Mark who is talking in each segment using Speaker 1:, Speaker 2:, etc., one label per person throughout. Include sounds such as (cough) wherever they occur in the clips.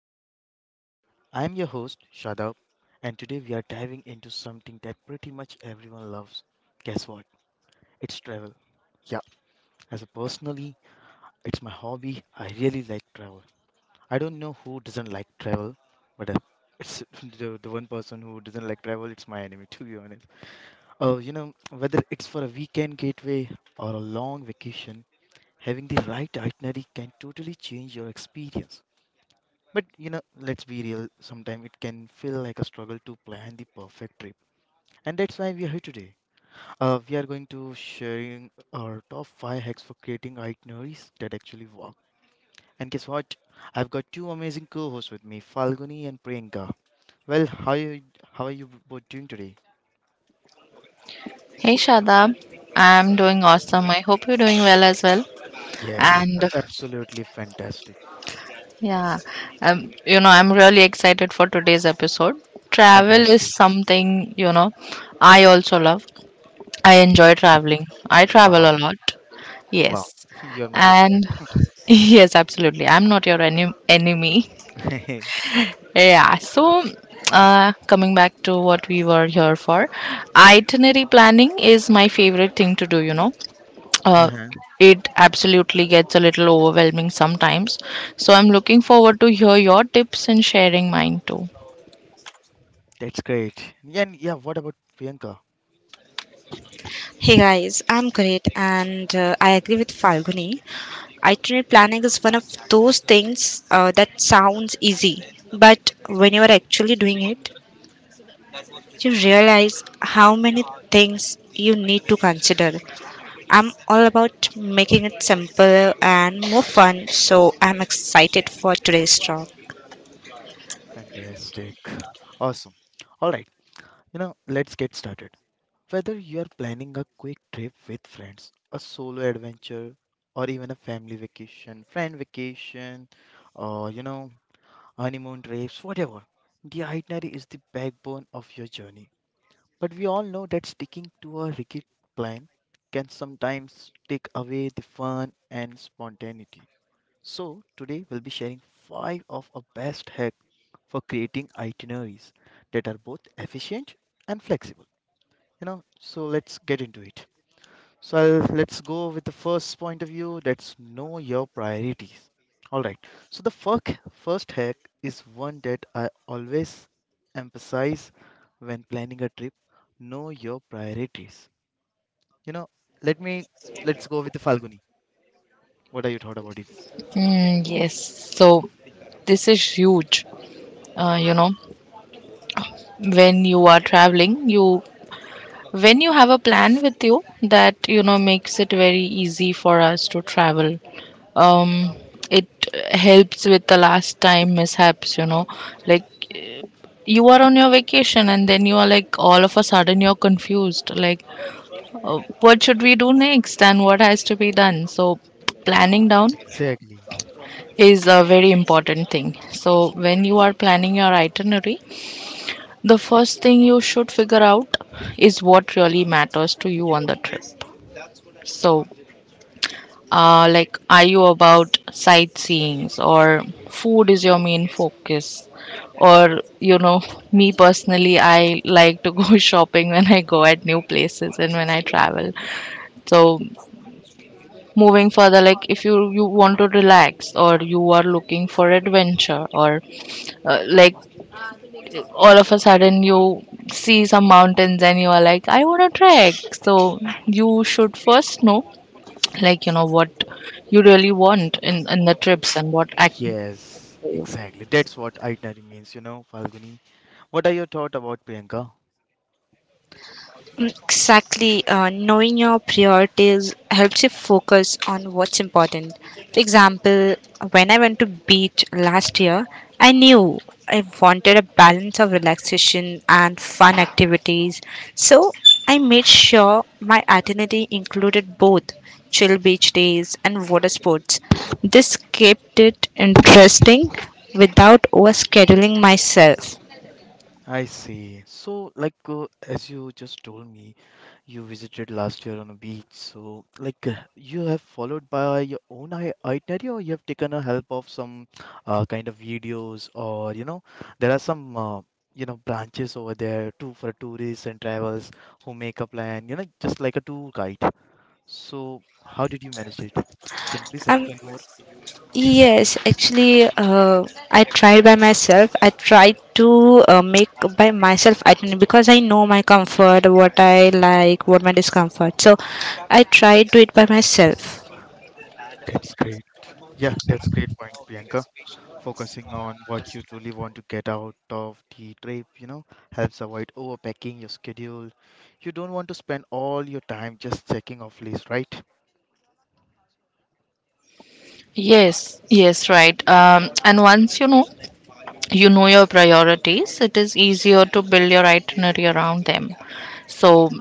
Speaker 1: Knowledge Therapy. I'm your host, Shadab, and today we are diving into something that pretty much everyone loves. Guess what? It's travel. Yeah, as a personally, it's my hobby. I really like travel. I don't know who doesn't like travel, but it's (laughs) the one person who doesn't like travel, it's my enemy, to be honest. Oh, whether it's for a weekend getaway or a long vacation, having the right itinerary can totally change your experience. But let's be real, sometimes it can feel like a struggle to plan the perfect trip. And that's why we are here today. We are going to sharing our top 5 hacks for creating itineraries that actually work. And guess what? I've got two amazing co-hosts with me, Falguni and Priyanka. Well, how are you both doing today?
Speaker 2: Hey Shadab, I'm doing awesome. I hope you're doing well as well.
Speaker 1: Yes,
Speaker 2: And
Speaker 1: absolutely fantastic.
Speaker 2: yeah, I'm really excited for today's episode. Travel is
Speaker 1: Fantastic.
Speaker 2: something, I also love. I enjoy traveling. I travel a
Speaker 1: Wow.
Speaker 2: lot.
Speaker 1: Wow.
Speaker 2: Yes.
Speaker 1: (laughs) You are my good
Speaker 2: And (laughs) yes, absolutely. I'm not your enemy.
Speaker 1: friend.
Speaker 2: Yeah, so coming back to what we were here for, itinerary planning is my favorite thing to do.
Speaker 1: (laughs)
Speaker 2: uh,
Speaker 1: Uh-huh.
Speaker 2: it absolutely gets a little overwhelming sometimes. So I'm looking forward to hear your tips and sharing mine too.
Speaker 1: That's great. Yeah, and yeah, what about Priyanka?
Speaker 3: Hey guys, I'm great and I agree with Falguni. Itinerary planning is one of those things that sounds easy, but when you are actually doing it, you realize how many things you need to consider. I'm all about making it simpler and more fun, so I'm excited for today's talk.
Speaker 1: Fantastic. Awesome. All right, let's get started. Whether you are planning a quick trip with friends, a solo adventure, or even a family vacation, friend vacation, or honeymoon trips, whatever, the itinerary is the backbone of your journey. But we all know that sticking to a rigid plan can sometimes take away the fun and spontaneity. So today we'll be sharing five of our best hacks for creating itineraries that are both efficient and flexible. So let's get into it. Let's go with the first point of view, that's know your priorities. All right, so the first hack is one that I always emphasize when planning a trip: know your priorities. You know let me let's go with the Falguni. What are you thought about this?
Speaker 2: Mm, yes. So this is huge. Uh, you know, when you are traveling, you when you have a plan with you that makes it very easy for us to travel. Um, it helps with the last time mishaps. Like, you are on your vacation, and then you are like, all of a sudden you're confused, like, what should we do next and what has to be done. So planning down
Speaker 1: Exactly.
Speaker 2: is a very important thing. So when you are planning your itinerary, the first thing you should figure out is what really matters to you on the trip. So like, are you about sightseeing or food is your main focus, or me personally, I like to go (laughs) shopping when I go at new places and when I travel. So moving further, like, if you want to relax or you are looking for adventure, or like, all of a sudden you see some mountains and you are like, I want to trek. So you should first know, like, you know what you really want in the trips and what actually
Speaker 1: Yes,
Speaker 2: you
Speaker 1: exactly, that's what itinerary means, Falguni. What are your thoughts about Priyanka?
Speaker 3: Exactly. Knowing your priorities helps you focus on what's important. For example, when I went to beach last year, I knew I wanted a balance of relaxation and fun activities. So I made sure my itinerary included both chill beach days and water sports. This kept it interesting without overscheduling myself.
Speaker 1: I see. So, like, as you just told me, you visited last year on a beach. So, like, you have followed by your own itinerary, or you have taken a help of some kind of videos, or there are some branches over there too for tourists and travels who make a plan. Just like a tour guide. So, how did you manage it? Can you please
Speaker 3: Um,
Speaker 1: explain more?
Speaker 3: Yes, actually, I tried by myself. I tried to make by myself itinerary because I know my comfort, what I like, what my discomfort. So I tried to it by myself.
Speaker 1: That's great. Yeah, that's great point, Priyanka. Focusing on what you truly want to get out of the trip, helps avoid overpacking your schedule. You don't want to spend all your time just checking off lists, right?
Speaker 2: Yes, yes, right. And once you know your priorities, it is easier to build your itinerary around them. So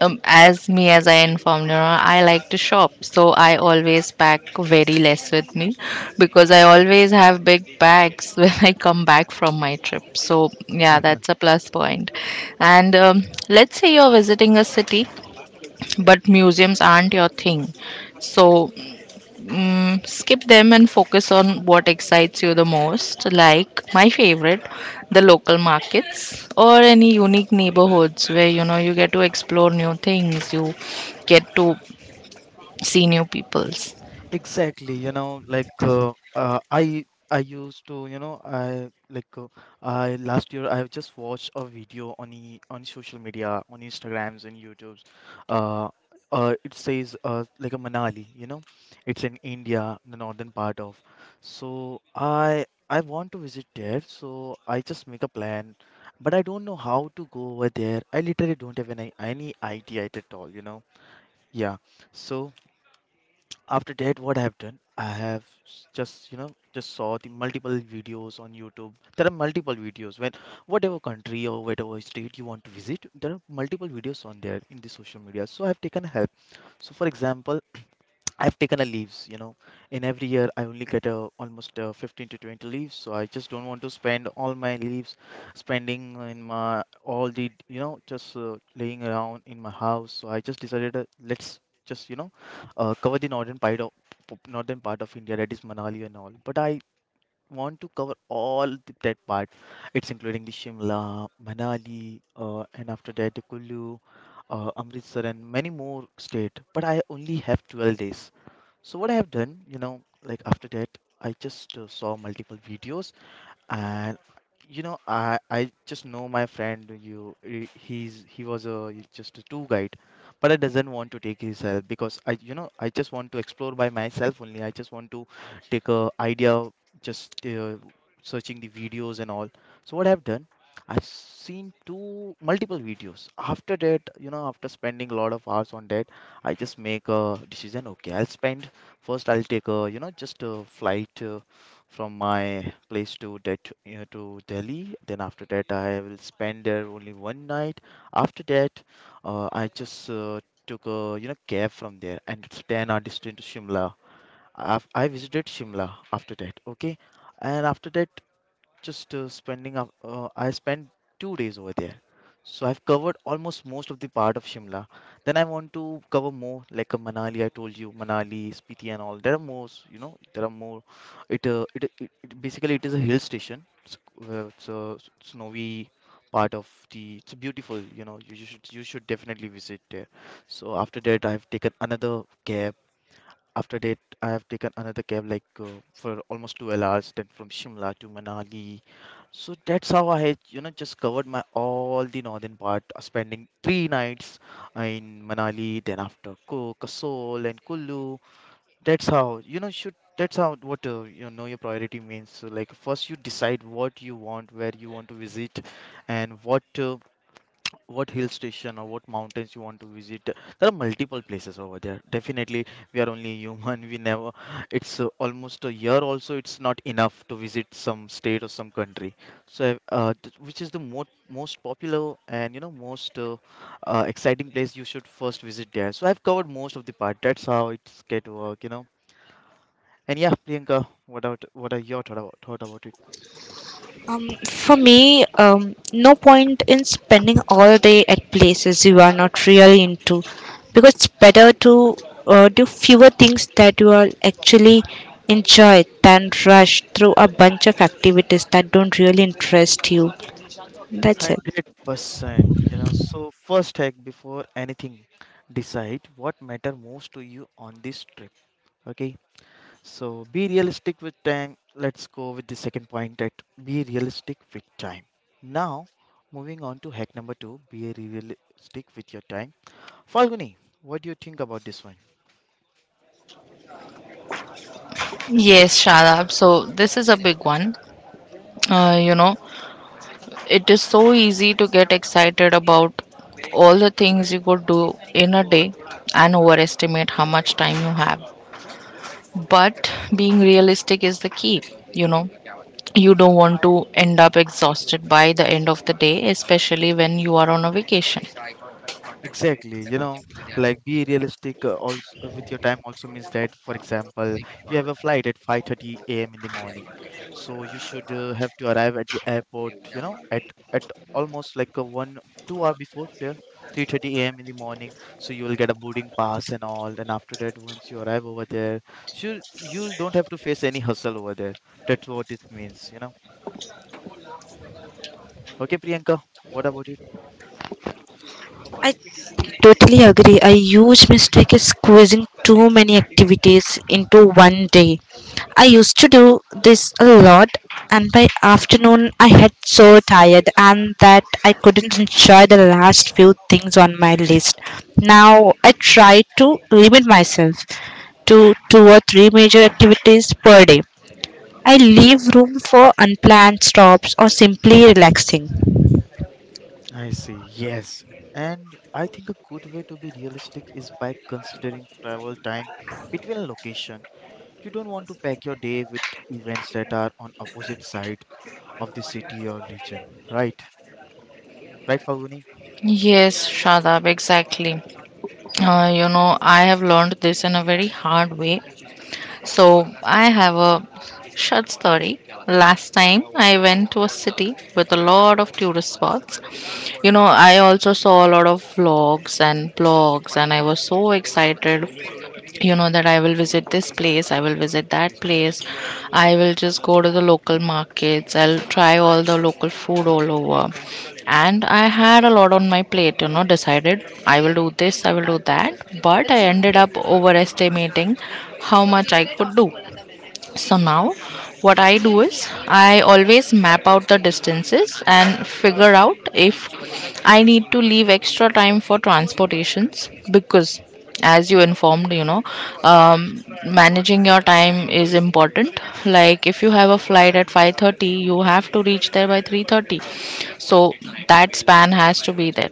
Speaker 2: as I informed you, I like to shop, so I always pack very less with me because I always have big bags (laughs) when I come back from my trip, so yeah, that's a plus point. And let's say you're visiting a city but museums aren't your thing, so skip them and focus on what excites you the most, like my favorite, the local markets or any unique neighborhoods where you get to explore new things, you get to see new peoples.
Speaker 1: Exactly, like I used to, I last year I just watched a video on social media, on Instagrams and YouTubes. Uh, it says like a Manali, it's in India, the northern part of. So I want to visit there, so I just make a plan, but I don't know how to go over there. I literally don't have any idea at all. Yeah, so after that what I have done I have just just saw the multiple videos on YouTube. There are multiple videos, when whatever country or whatever state you want to visit, there are multiple videos on there in the social media, so I have taken help. So for example, I've taken a leaves. In every year, I only get almost 15 to 20 leaves, so I just don't want to spend all my leaves spending in my all the you know just laying around in my house. So I just decided let's just cover the northern part of northern part of India, that is Manali and all. But I want to cover all that part. It's including the Shimla, Manali, and after that the Kullu, Amritsar, and many more state. But I only have 12 days. So what I have done, like after that, I just saw multiple videos, and I just know my friend. You he- he's he was a just a tour guide, but I doesn't want to take his help because I you know I just want to explore by myself only. I just want to take a idea, just searching the videos and all. So what I've done, I've seen two multiple videos. After that, after spending a lot of hours on that, I just make a decision. Okay, I'll spend first. I'll take a you know just a flight from my place to Delhi. Then after that, I will spend there only one night. After that, I just took a cab from there, and it's then I destined to Shimla. I visited Shimla after that. Okay, and after that just spending up. I spent 2 days over there, so I've covered almost most of the part of Shimla. Then I want to cover more, like Manali. I told you Manali, Spiti, and all. There are more, s- you know. There are more. It it, it, it basically it is a hill station. It's a snowy part of the. It's beautiful, you know. You should definitely visit there. So after that, cab I have taken another cab like for almost 12 hours, then from Shimla to Manali. So that's how I had, just covered my all the northern part, spending 3 nights in Manali, then after Kasol, and Kullu. That's how what you know your priority means. So like first you decide what you want, where you want to visit, and what hill station or what mountains you want to visit. There are multiple places over there. Definitely we are only human. (laughs) We never, it's almost a year also, it's not enough to visit some state or some country. So which is the most popular and most exciting place, you should first visit there. So I've covered most of the part, that's how it's get work. And yeah, Priyanka, what are your thought about it
Speaker 3: For me, no point in spending all day at places you are not really into, because it's better to do fewer things that you are actually enjoy than rush through a bunch of activities that don't really interest you. That's it.
Speaker 1: 100%. So, first hack before anything, decide what matter most to you on this trip. Okay. So, be realistic with time. Let's go with the second point, that be realistic with time. Now, moving on to hack number two, be realistic with your time. Falguni, what do you think about this one?
Speaker 2: Yes, Shadab. So this is a big one. Uh, you know, it is so easy to get excited about all the things you could do in a day and overestimate how much time you have. But being realistic is the key. You know, you don't want to end up exhausted by the end of the day, especially when you are on a vacation.
Speaker 1: Exactly, like be realistic also with your time also means that, for example, you have a flight at 5:30 a.m. in the morning, so you should have to arrive at the airport, at at almost like a one two hour before there, 3:30 a.m. in the morning, so you will get a boarding pass and all, and after that, once you arrive over there, so you don't have to face any hustle over there. That's what it means. Okay, Priyanka, what about?
Speaker 3: I totally agree. A huge mistake is squeezing too many activities into one day. I used to do this a lot, and by afternoon I had so tired and that I couldn't enjoy the last few things on my list. Now I try to limit myself to two or three major activities per day. I leave room for unplanned stops or simply relaxing.
Speaker 1: I see, yes. And I think a good way to be realistic is by considering travel time between location. You don't want to pack your day with events that are on opposite side of the city or region, right? Right, Falguni?
Speaker 2: Yes, Shadab, exactly. I have learned this in a very hard way. So I have a short story. Last time I went to a city with a lot of tourist spots. I also saw a lot of vlogs and blogs, and I was so excited, that I will visit this place, I will visit that place, I will just go to the local markets, I'll try all the local food all over, and I had a lot on my plate, decided I will do this, I will do that, but I ended up overestimating how much I could do. So now, what I do is I always map out the distances and figure out if I need to leave extra time for transportations because, as you informed, managing your time is important. Like if you have a flight at 5:30, you have to reach there by 3:30, so that span has to be there.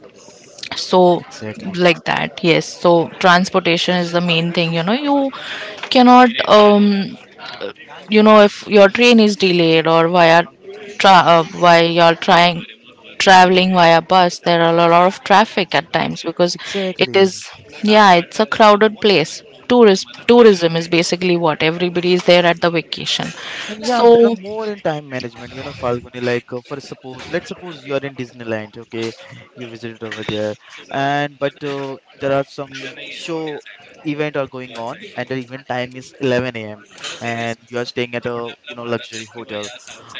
Speaker 2: So
Speaker 1: Exactly.
Speaker 2: like that, yes. So transportation is the main thing, you cannot, if your train is delayed, or while you're trying traveling via bus, there are a lot of traffic at times, because it is
Speaker 1: Exactly.
Speaker 2: yeah, it's a crowded place. Tourist tourism is basically what everybody is there at the vacation.
Speaker 1: And yeah,
Speaker 2: so
Speaker 1: there are more in time management, Falguni. Like, for suppose, let's suppose you are in Disneyland. Okay, you visited over there, and but there are some show event are going on, and the event time is 11 a.m. and you are staying at a luxury hotel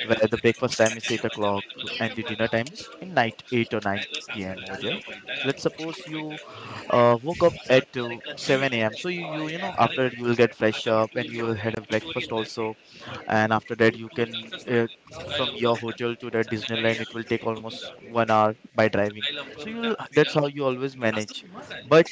Speaker 1: where the breakfast time is 8 o'clock and the dinner time is in night 8 or 9 p.m. over there. So let's suppose you woke up at 7 a.m. So after that you will get fresh up, and you will had a breakfast also, and after that you can from your hotel to the Disneyland it will take almost 1 hour by driving. So you'll that's how you always manage. But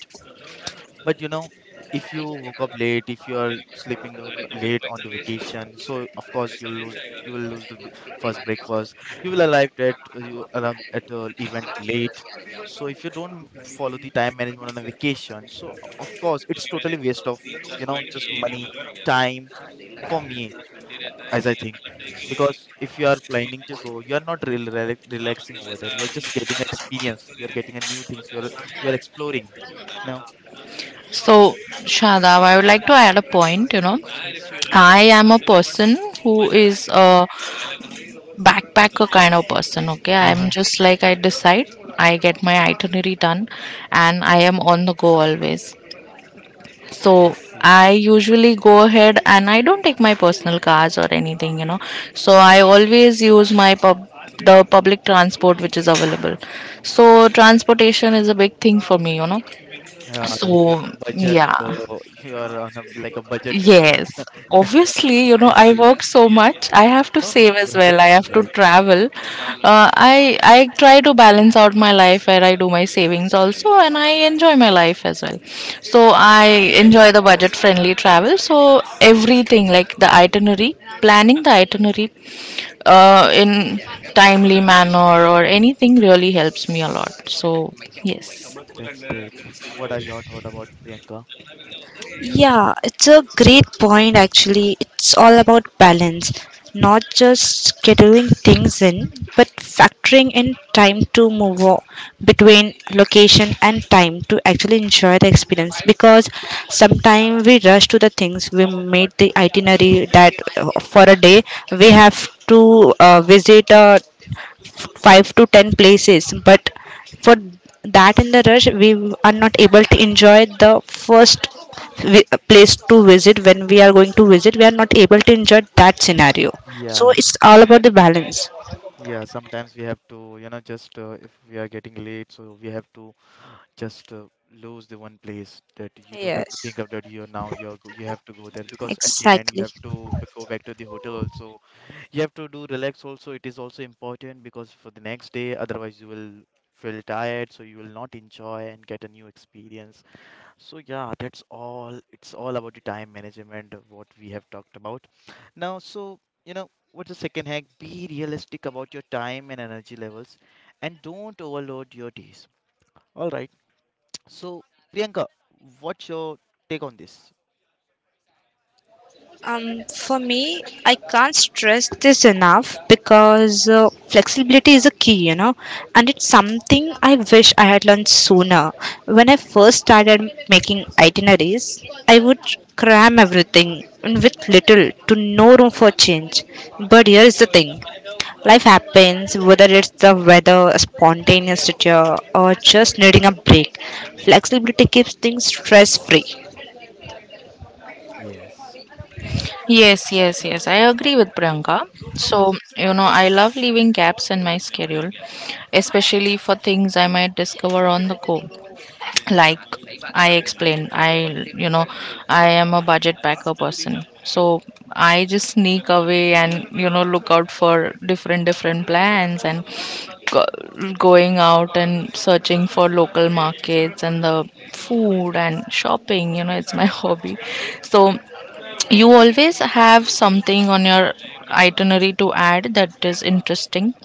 Speaker 1: but you know if you woke up late, if you are sleeping down late on the vacation, so of course you will lose the first breakfast, you will arrive at the event late. So if you don't follow the time management on a vacation, so of course it's totally waste of you know just money time for me, as I think. Because if you are planning to go, you are not relaxing over there. You are just getting experience. You are getting a new things. You are exploring. You know.
Speaker 2: so Shadav, I would like to add a point,
Speaker 1: Mm.
Speaker 2: I am a person who is, backpacker kind of person. Okay, I am
Speaker 1: Uh-huh.
Speaker 2: just like, I decide, I get my itinerary done, and I am on the go always, so
Speaker 1: I see.
Speaker 2: I usually go ahead and I don't take my personal cars or anything, so I always use my pub the public transport which is available. So transportation is a big thing for me, so
Speaker 1: You are budget.
Speaker 2: yeah.
Speaker 1: You are on like a budget traveler.
Speaker 2: Yes, obviously,
Speaker 1: (laughs) I
Speaker 2: I
Speaker 1: see.
Speaker 2: work so much. I have to
Speaker 1: No, no,
Speaker 2: save
Speaker 1: you're
Speaker 2: as
Speaker 1: hundred
Speaker 2: well. I
Speaker 1: percent
Speaker 2: have to
Speaker 1: right.
Speaker 2: travel. I try to balance out my life where I do my savings also, and I enjoy my life as well. So I enjoy the budget-friendly travel. So everything, like the itinerary, planning the itinerary, in timely manner or anything, really helps me a lot. So yes.
Speaker 1: That's great. What are your thought about Priyanka?
Speaker 3: Yeah, it's a great point actually. It's all about balance, not just scheduling things in, but factoring in time to move between location and time to actually enjoy the experience, because sometimes we rush to the things we made the itinerary that for a day we have to visit a 5 to 10 places, but for that in the rush we are not able to enjoy the first place to visit. When we are going to visit, we are not able to enjoy that scenario. So
Speaker 1: Yes,
Speaker 3: it's all about the balance.
Speaker 1: yeah. Sometimes we have to, just if we are getting late, so we have to just lose the one place that you don't have to
Speaker 3: Yes,
Speaker 1: think of that you're now you're you have to go there, because at the end you
Speaker 3: exactly.
Speaker 1: have to go back to the hotel also, you have to do relax also. It is also important because for the next day otherwise you will feel tired, so you will not enjoy and get a new experience. So yeah, that's all. It's all about the time management of what we have talked about now. So you know what's the second hack? Be realistic about your time and energy levels, and don't overload your days. All right, so, Priyanka, what's your take on this?
Speaker 3: For me, I can't stress this enough, because flexibility is a key, and it's something I wish I had learned sooner. When I first started making itineraries, I would cram everything in with little to no room for change. But here is the thing: life happens, whether it's the weather, a spontaneous situation, or just needing a break. Flexibility keeps things stress free.
Speaker 1: Yes,
Speaker 2: Yes, yes, yes. I agree with Priyanka. So, I love leaving gaps in my schedule, especially for things I might discover on the go. Like I explained, I am a budget packer person. So I just sneak away and, look out for different, different plans and going out and searching for local markets and the food and shopping, it's my (laughs) hobby. So you always have something on your itinerary to add that is interesting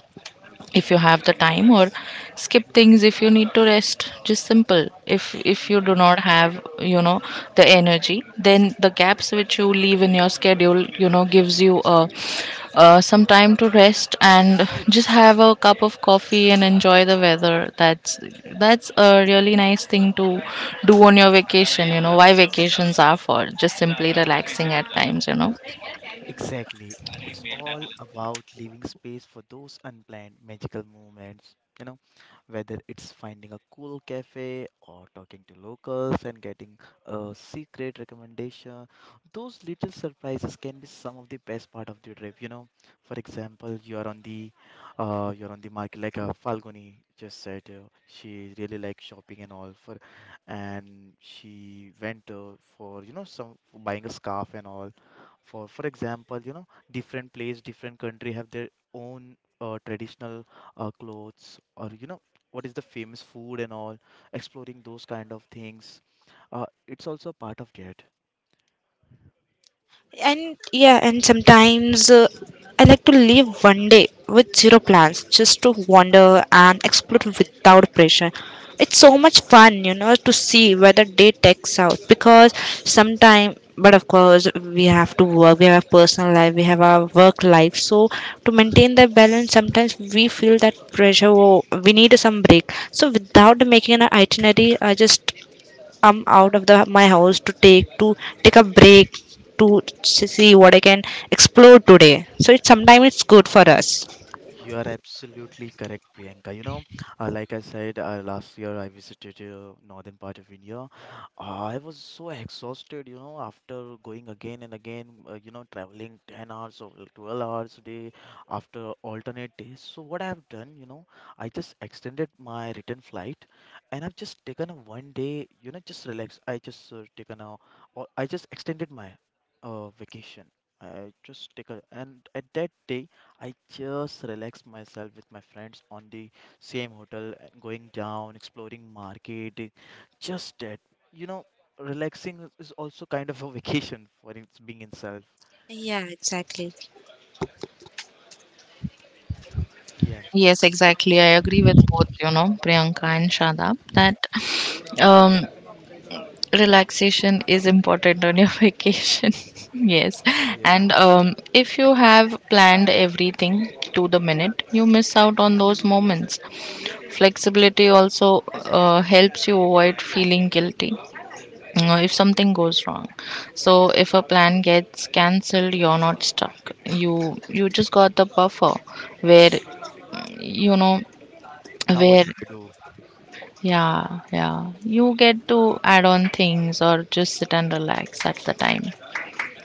Speaker 2: if you have the time, or skip things if you need to rest. Just simple. If you do not have, the energy, then the gaps which you leave in your schedule, gives you a some time to rest and just have a cup of coffee and enjoy the weather. That's a really nice thing to do on your vacation, you know why vacations are for, just simply relaxing at times.
Speaker 1: exactly. It's all about leaving space for those unplanned magical moments. Whether it's finding a cool cafe or talking to locals and getting a secret recommendation. Those little surprises can be some of the best part of the trip. For example, you're on the market, like Falguni just said, she really likes shopping and all for, and she went for some for buying a scarf and all, for example, different place different country have their own traditional clothes, or what is the famous food and all. Exploring those kind of things, it's also a part of it.
Speaker 3: And yeah, and sometimes I like to leave one day with zero plans just to wander and explore without pressure. It's so much fun, to see where the day takes out, because sometime, but of course, we have to work, we have a personal life, we have our work life. So, to maintain that balance, sometimes we feel that pressure, oh, we need some break. So, without making an itinerary, I just come out of the my house to take a break to see what I can explore today. So it sometimes it's good for us.
Speaker 1: You are absolutely correct, Priyanka. Like I said, last year I visited northern part of India. I was so exhausted, after going again and again, traveling 10 hours or 12 hours a day after alternate days. So, what I have done, I just extended my return flight and I've just taken a one day, just relax. I just taken a, or I just extended my vacation. I just take a, and at that day, I just relax myself with my friends on the same hotel and going down, exploring market, just that. You know, relaxing is also kind of a (laughs) vacation for its being itself.
Speaker 3: Yeah, exactly.
Speaker 1: Yeah,
Speaker 2: Yes, exactly. I agree with both, Priyanka and Shadab, that um, relaxation is important on your (laughs) vacation. (laughs) Yes.
Speaker 1: yeah.
Speaker 2: And if you have planned everything to the minute, you miss out on those moments. Flexibility also helps you avoid feeling guilty, if something goes wrong. So if a plan gets cancelled, you're not stuck. You just got the buffer where you know
Speaker 1: Now what
Speaker 2: where.
Speaker 1: should I do?
Speaker 2: Yeah, yeah. You get to add on things or just sit and relax at the time.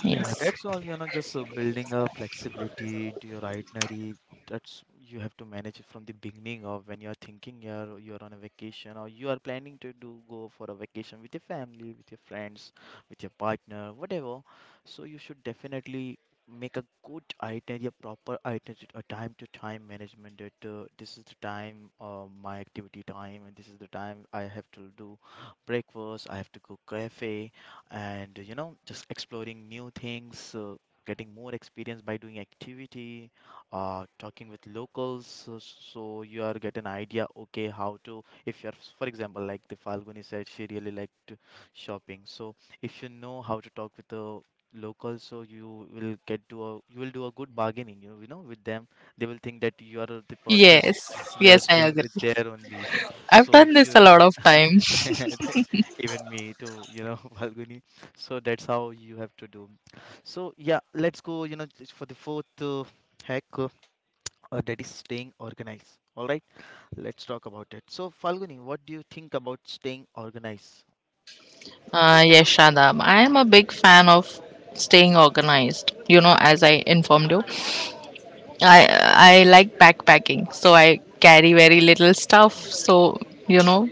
Speaker 1: Yeah,
Speaker 2: Yes.
Speaker 1: that's all, just building a flexibility into your itinerary. That's you have to manage it from the beginning of when you're thinking you're on a vacation, or you are planning to do go for a vacation with your family, with your friends, with your partner, whatever. So you should definitely make a good itinerary, a proper itinerary, a time to time management, that this is the time, my activity time, and this is the time I have to do breakfast, I have to go cafe, and just exploring new things, getting more experience by doing activity, talking with locals, so you are get an idea, okay, how to, if you're for example like the Falguni said she really liked shopping, so if you know how to talk with the locals, so you will get to a you will do a good bargaining, with them they will think that you are the person
Speaker 2: Yes,
Speaker 1: you are
Speaker 2: yes, I
Speaker 1: staying
Speaker 2: agree.
Speaker 1: with there only. (laughs)
Speaker 2: I've
Speaker 1: So
Speaker 2: done
Speaker 1: if
Speaker 2: this a
Speaker 1: you
Speaker 2: lot of time.
Speaker 1: (laughs) even me too, (laughs) Falguni. So that's how you have to do. So yeah, let's go, just for the fourth hack that is staying organized. All right, let's talk about it. So Falguni, what do you think about staying organized?
Speaker 2: Yes, Shadab. I am a big fan of staying organized. As I informed you, I like backpacking, so I carry very little stuff. So you know,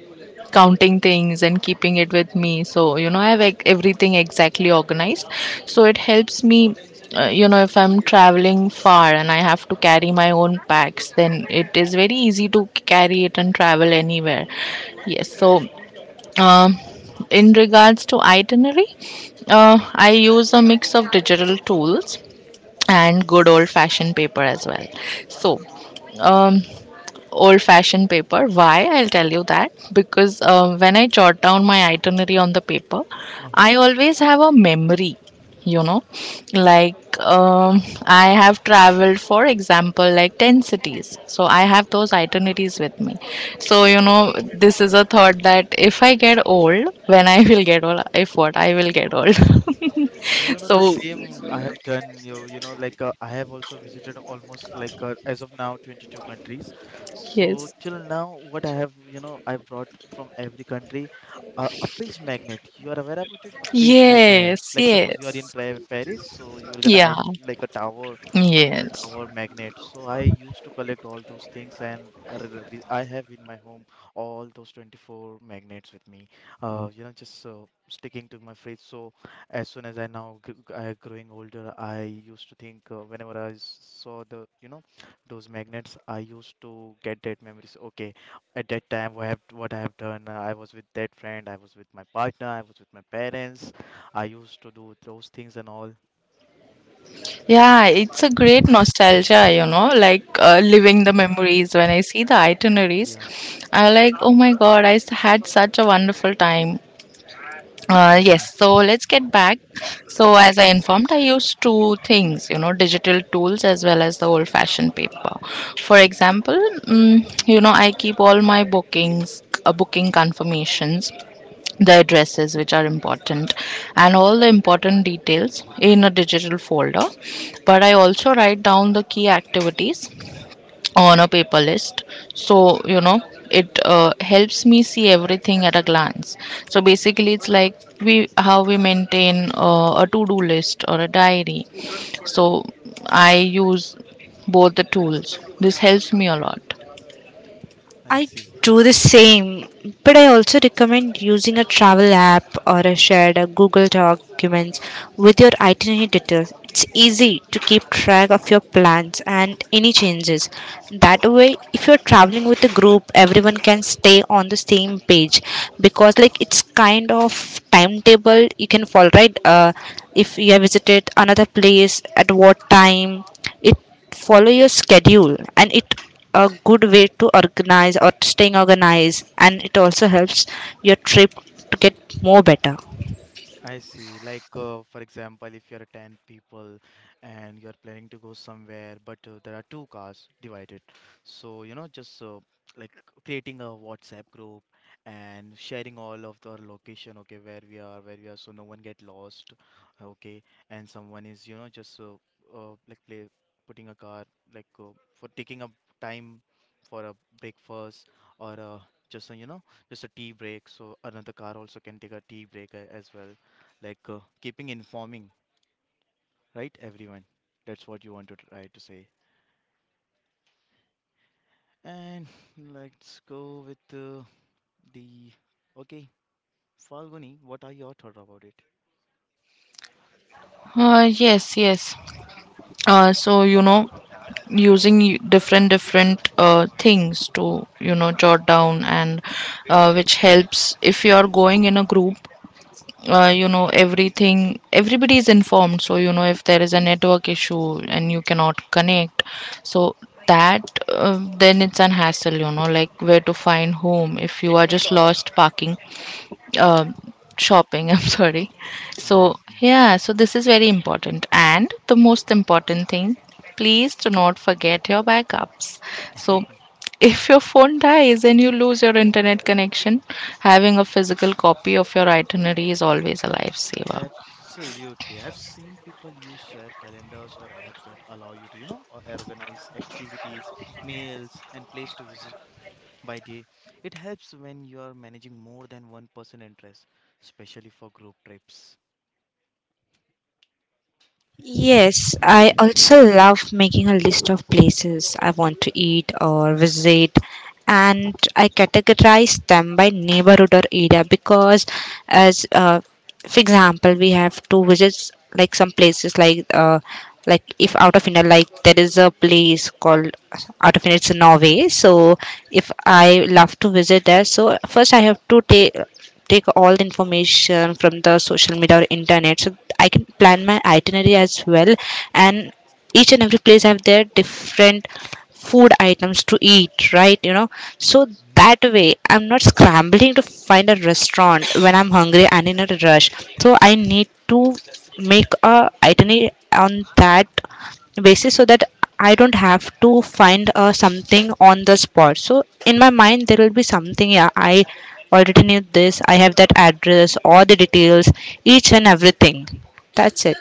Speaker 2: counting things and keeping it with me. So I have, like, everything exactly organized. So it helps me. If I'm traveling far and I have to carry my own packs, then it is very easy to carry it and travel anywhere. Yes. So, um, in regards to itinerary, I use a mix of digital tools and good old fashioned paper as well. So, um, old fashioned paper. Why? I'll tell you that. Because when I jot down my itinerary on the paper, I always have a memory, you know. Like, I have traveled, for example, like 10 cities. So I have those itineraries with me. So, this is a thought that if I get old, when I will get old, if what, I will get old. (laughs)
Speaker 1: You know, the
Speaker 2: So,
Speaker 1: same I have done, like I have also visited almost as of now 22 countries. So
Speaker 2: yes.
Speaker 1: till now, what I have, I brought from every country a fridge magnet. You are aware about it? A fridge magnet.
Speaker 2: Yes,
Speaker 1: Like suppose you are in
Speaker 2: yes.
Speaker 1: Paris, so you will get a,
Speaker 2: Yeah,
Speaker 1: Eiff- like a tower, Eiffel
Speaker 2: yes.
Speaker 1: Tower magnet. So I used to collect all those things, and I have in my home all those 24 magnets with me. You know, just sticking to my fridge. So as soon as I now I growing older, I used to think, whenever saw the those magnets, I used to get that memories. Okay, at that time, what I have done, I was with that friend, I was with my partner, I was with my parents. I used to do those things and all.
Speaker 2: Yeah, it's a great nostalgia, like, living the memories. When I see the itineraries,
Speaker 1: Yeah,
Speaker 2: I like, oh my god, I had such a wonderful time.
Speaker 1: yeah,
Speaker 2: Yes, so let's get back. So, as I informed, I used two things, digital tools as well as the old fashioned paper. For example, I keep all my booking confirmations, the addresses which are important, and all the important details in a digital folder, but I also write down the key activities on a paper list, so it helps me see everything at a glance. So basically, it's like we how we maintain a to-do list or a diary, so I use both the tools, this helps me a lot.
Speaker 1: I
Speaker 3: I
Speaker 1: see.
Speaker 3: do the same, but I also recommend using a travel app or a shared a Google Documents with your itinerary details. It's easy to keep track of your plans and any changes. That way, if you're traveling with a group, everyone can stay on the same page, because like it's kind of timetable you can follow, right? If you have visited another place at what time, it follow your schedule, and it a good way to organize or staying organized, and it also helps your trip to get more better.
Speaker 1: I see. Like, for example, if you're 10 people and you're planning to go somewhere, but there are two cars divided. So, you know, just like creating a WhatsApp group and sharing all of the location, okay, where we are, so no one get lost, okay, and someone is, you know, just like play putting a car, like for taking up time for a breakfast, or just, just a tea break. So another car also can take a tea break as well, like keeping informing right everyone. That's what you want to try to say. And (laughs) let's go with the okay, Falguni, what are your thoughts about it?
Speaker 2: Yes, yes. So using different different things to jot down, and which helps if you are going in a group,
Speaker 1: Mm-hmm.
Speaker 2: everything everybody is informed. So if there is a network issue and you cannot connect, so that then it's an hassle, like where to find home if you are just lost, parking, um shopping, (laughs) I'm sorry.
Speaker 1: I
Speaker 2: So
Speaker 1: see.
Speaker 2: yeah, so this is very important, and the most important thing, please do not forget your backups. So
Speaker 1: (laughs)
Speaker 2: if your phone dies and you lose your internet connection, having a physical copy of your itinerary is always a lifesaver.
Speaker 1: Absolutely. I've seen people use share calendars or apps that allow you to, or organize activities, meals, and place to visit by day. It helps when you are managing more than one person interest, especially for group trips.
Speaker 3: Yes, I also love making a list of places I want to eat or visit, and I categorize them by neighborhood or area because, as for example, we have to visit like some places like if out of India, like there is a place called out of India, it's Norway. So if I love to visit there, so first I have to take all the information from the social media or internet, so I can plan my itinerary as well. And each and every place have their different food items to eat, right? You know, so that way I'm not scrambling to find a restaurant when I'm hungry and in a rush. So I need to make a itinerary on that basis, so that I don't have to find something on the spot. So in my mind, there will be something. Yeah, I already knew this. I have that address, all the details, each and everything. That's it.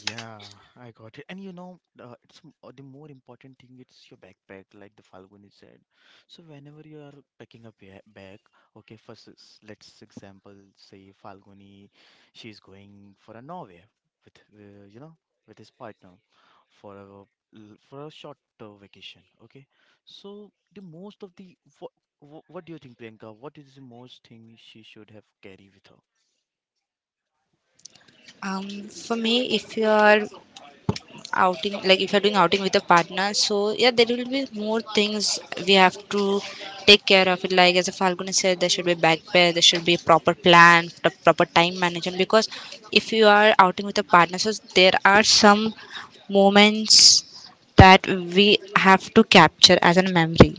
Speaker 1: Yeah, I got it. And it's the more important thing, it's your backpack, like the Falguni said. So whenever you are packing a bag, okay, let's example say Falguni, she's going for a Norway with with his partner for for a short vacation. Okay, so the most of the what do you think, Priyanka? What is the most thing she should have carry with her?
Speaker 3: For me, if you are outing, like if you're doing outing with a partner, so yeah, there will be more things we have to take care of it. Like as a Falguni said, there should be backpack, there should be proper plan, the proper time management. Because if you are outing with a partner, so there are some moments that we have to capture as a memory.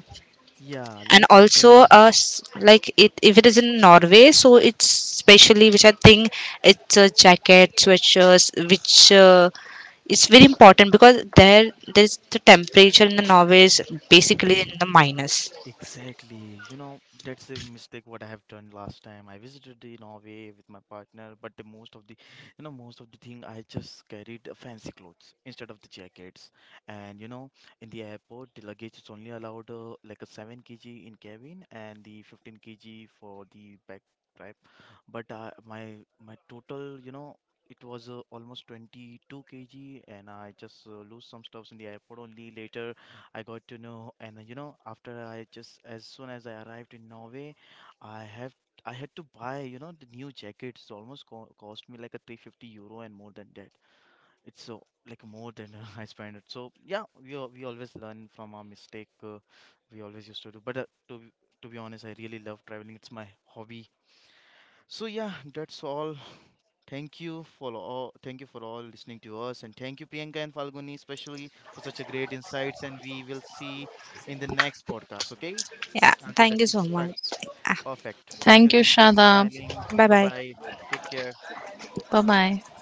Speaker 1: Yeah,
Speaker 3: And
Speaker 1: like I
Speaker 3: also
Speaker 1: said.
Speaker 3: like it, if it is in Norway, so it's specially, which I think it's a jacket, sweatshirts, which it's very important, because there's the temperature in the Norway is basically in the minus.
Speaker 1: Exactly. You know, that's the mistake what I have done last time. I visited the Norway with my partner, but the most of the, you know, most of the thing I just carried fancy clothes instead of the jackets. And you know, in the airport, the luggage is only allowed like a 7 kg in cabin and the 15 kg for the back, but my total it was almost 22 kg, and I just lose some stuffs in the airport only. Later I got to know. And after I just as soon as I arrived in Norway i have I had to buy the new jackets, almost cost me like a €350, and more than that it's so like more than (laughs) I spent it. So yeah, we always learn from our mistake, we always used to do. But to be honest, I really love traveling, it's my hobby. So yeah, that's all. Thank you for all. Thank you for all listening to us, and thank you Priyanka and Falguni especially for such a great insights. And we will see in the next podcast. Okay?
Speaker 3: Yeah,
Speaker 1: Until that,
Speaker 3: thank you
Speaker 1: keep
Speaker 3: so much.
Speaker 1: perfect. Until
Speaker 2: Thank you,
Speaker 1: then, keep
Speaker 2: Shada.
Speaker 1: smiling.
Speaker 3: Bye
Speaker 1: Bye
Speaker 3: bye.
Speaker 1: bye. Take care.
Speaker 2: Bye bye.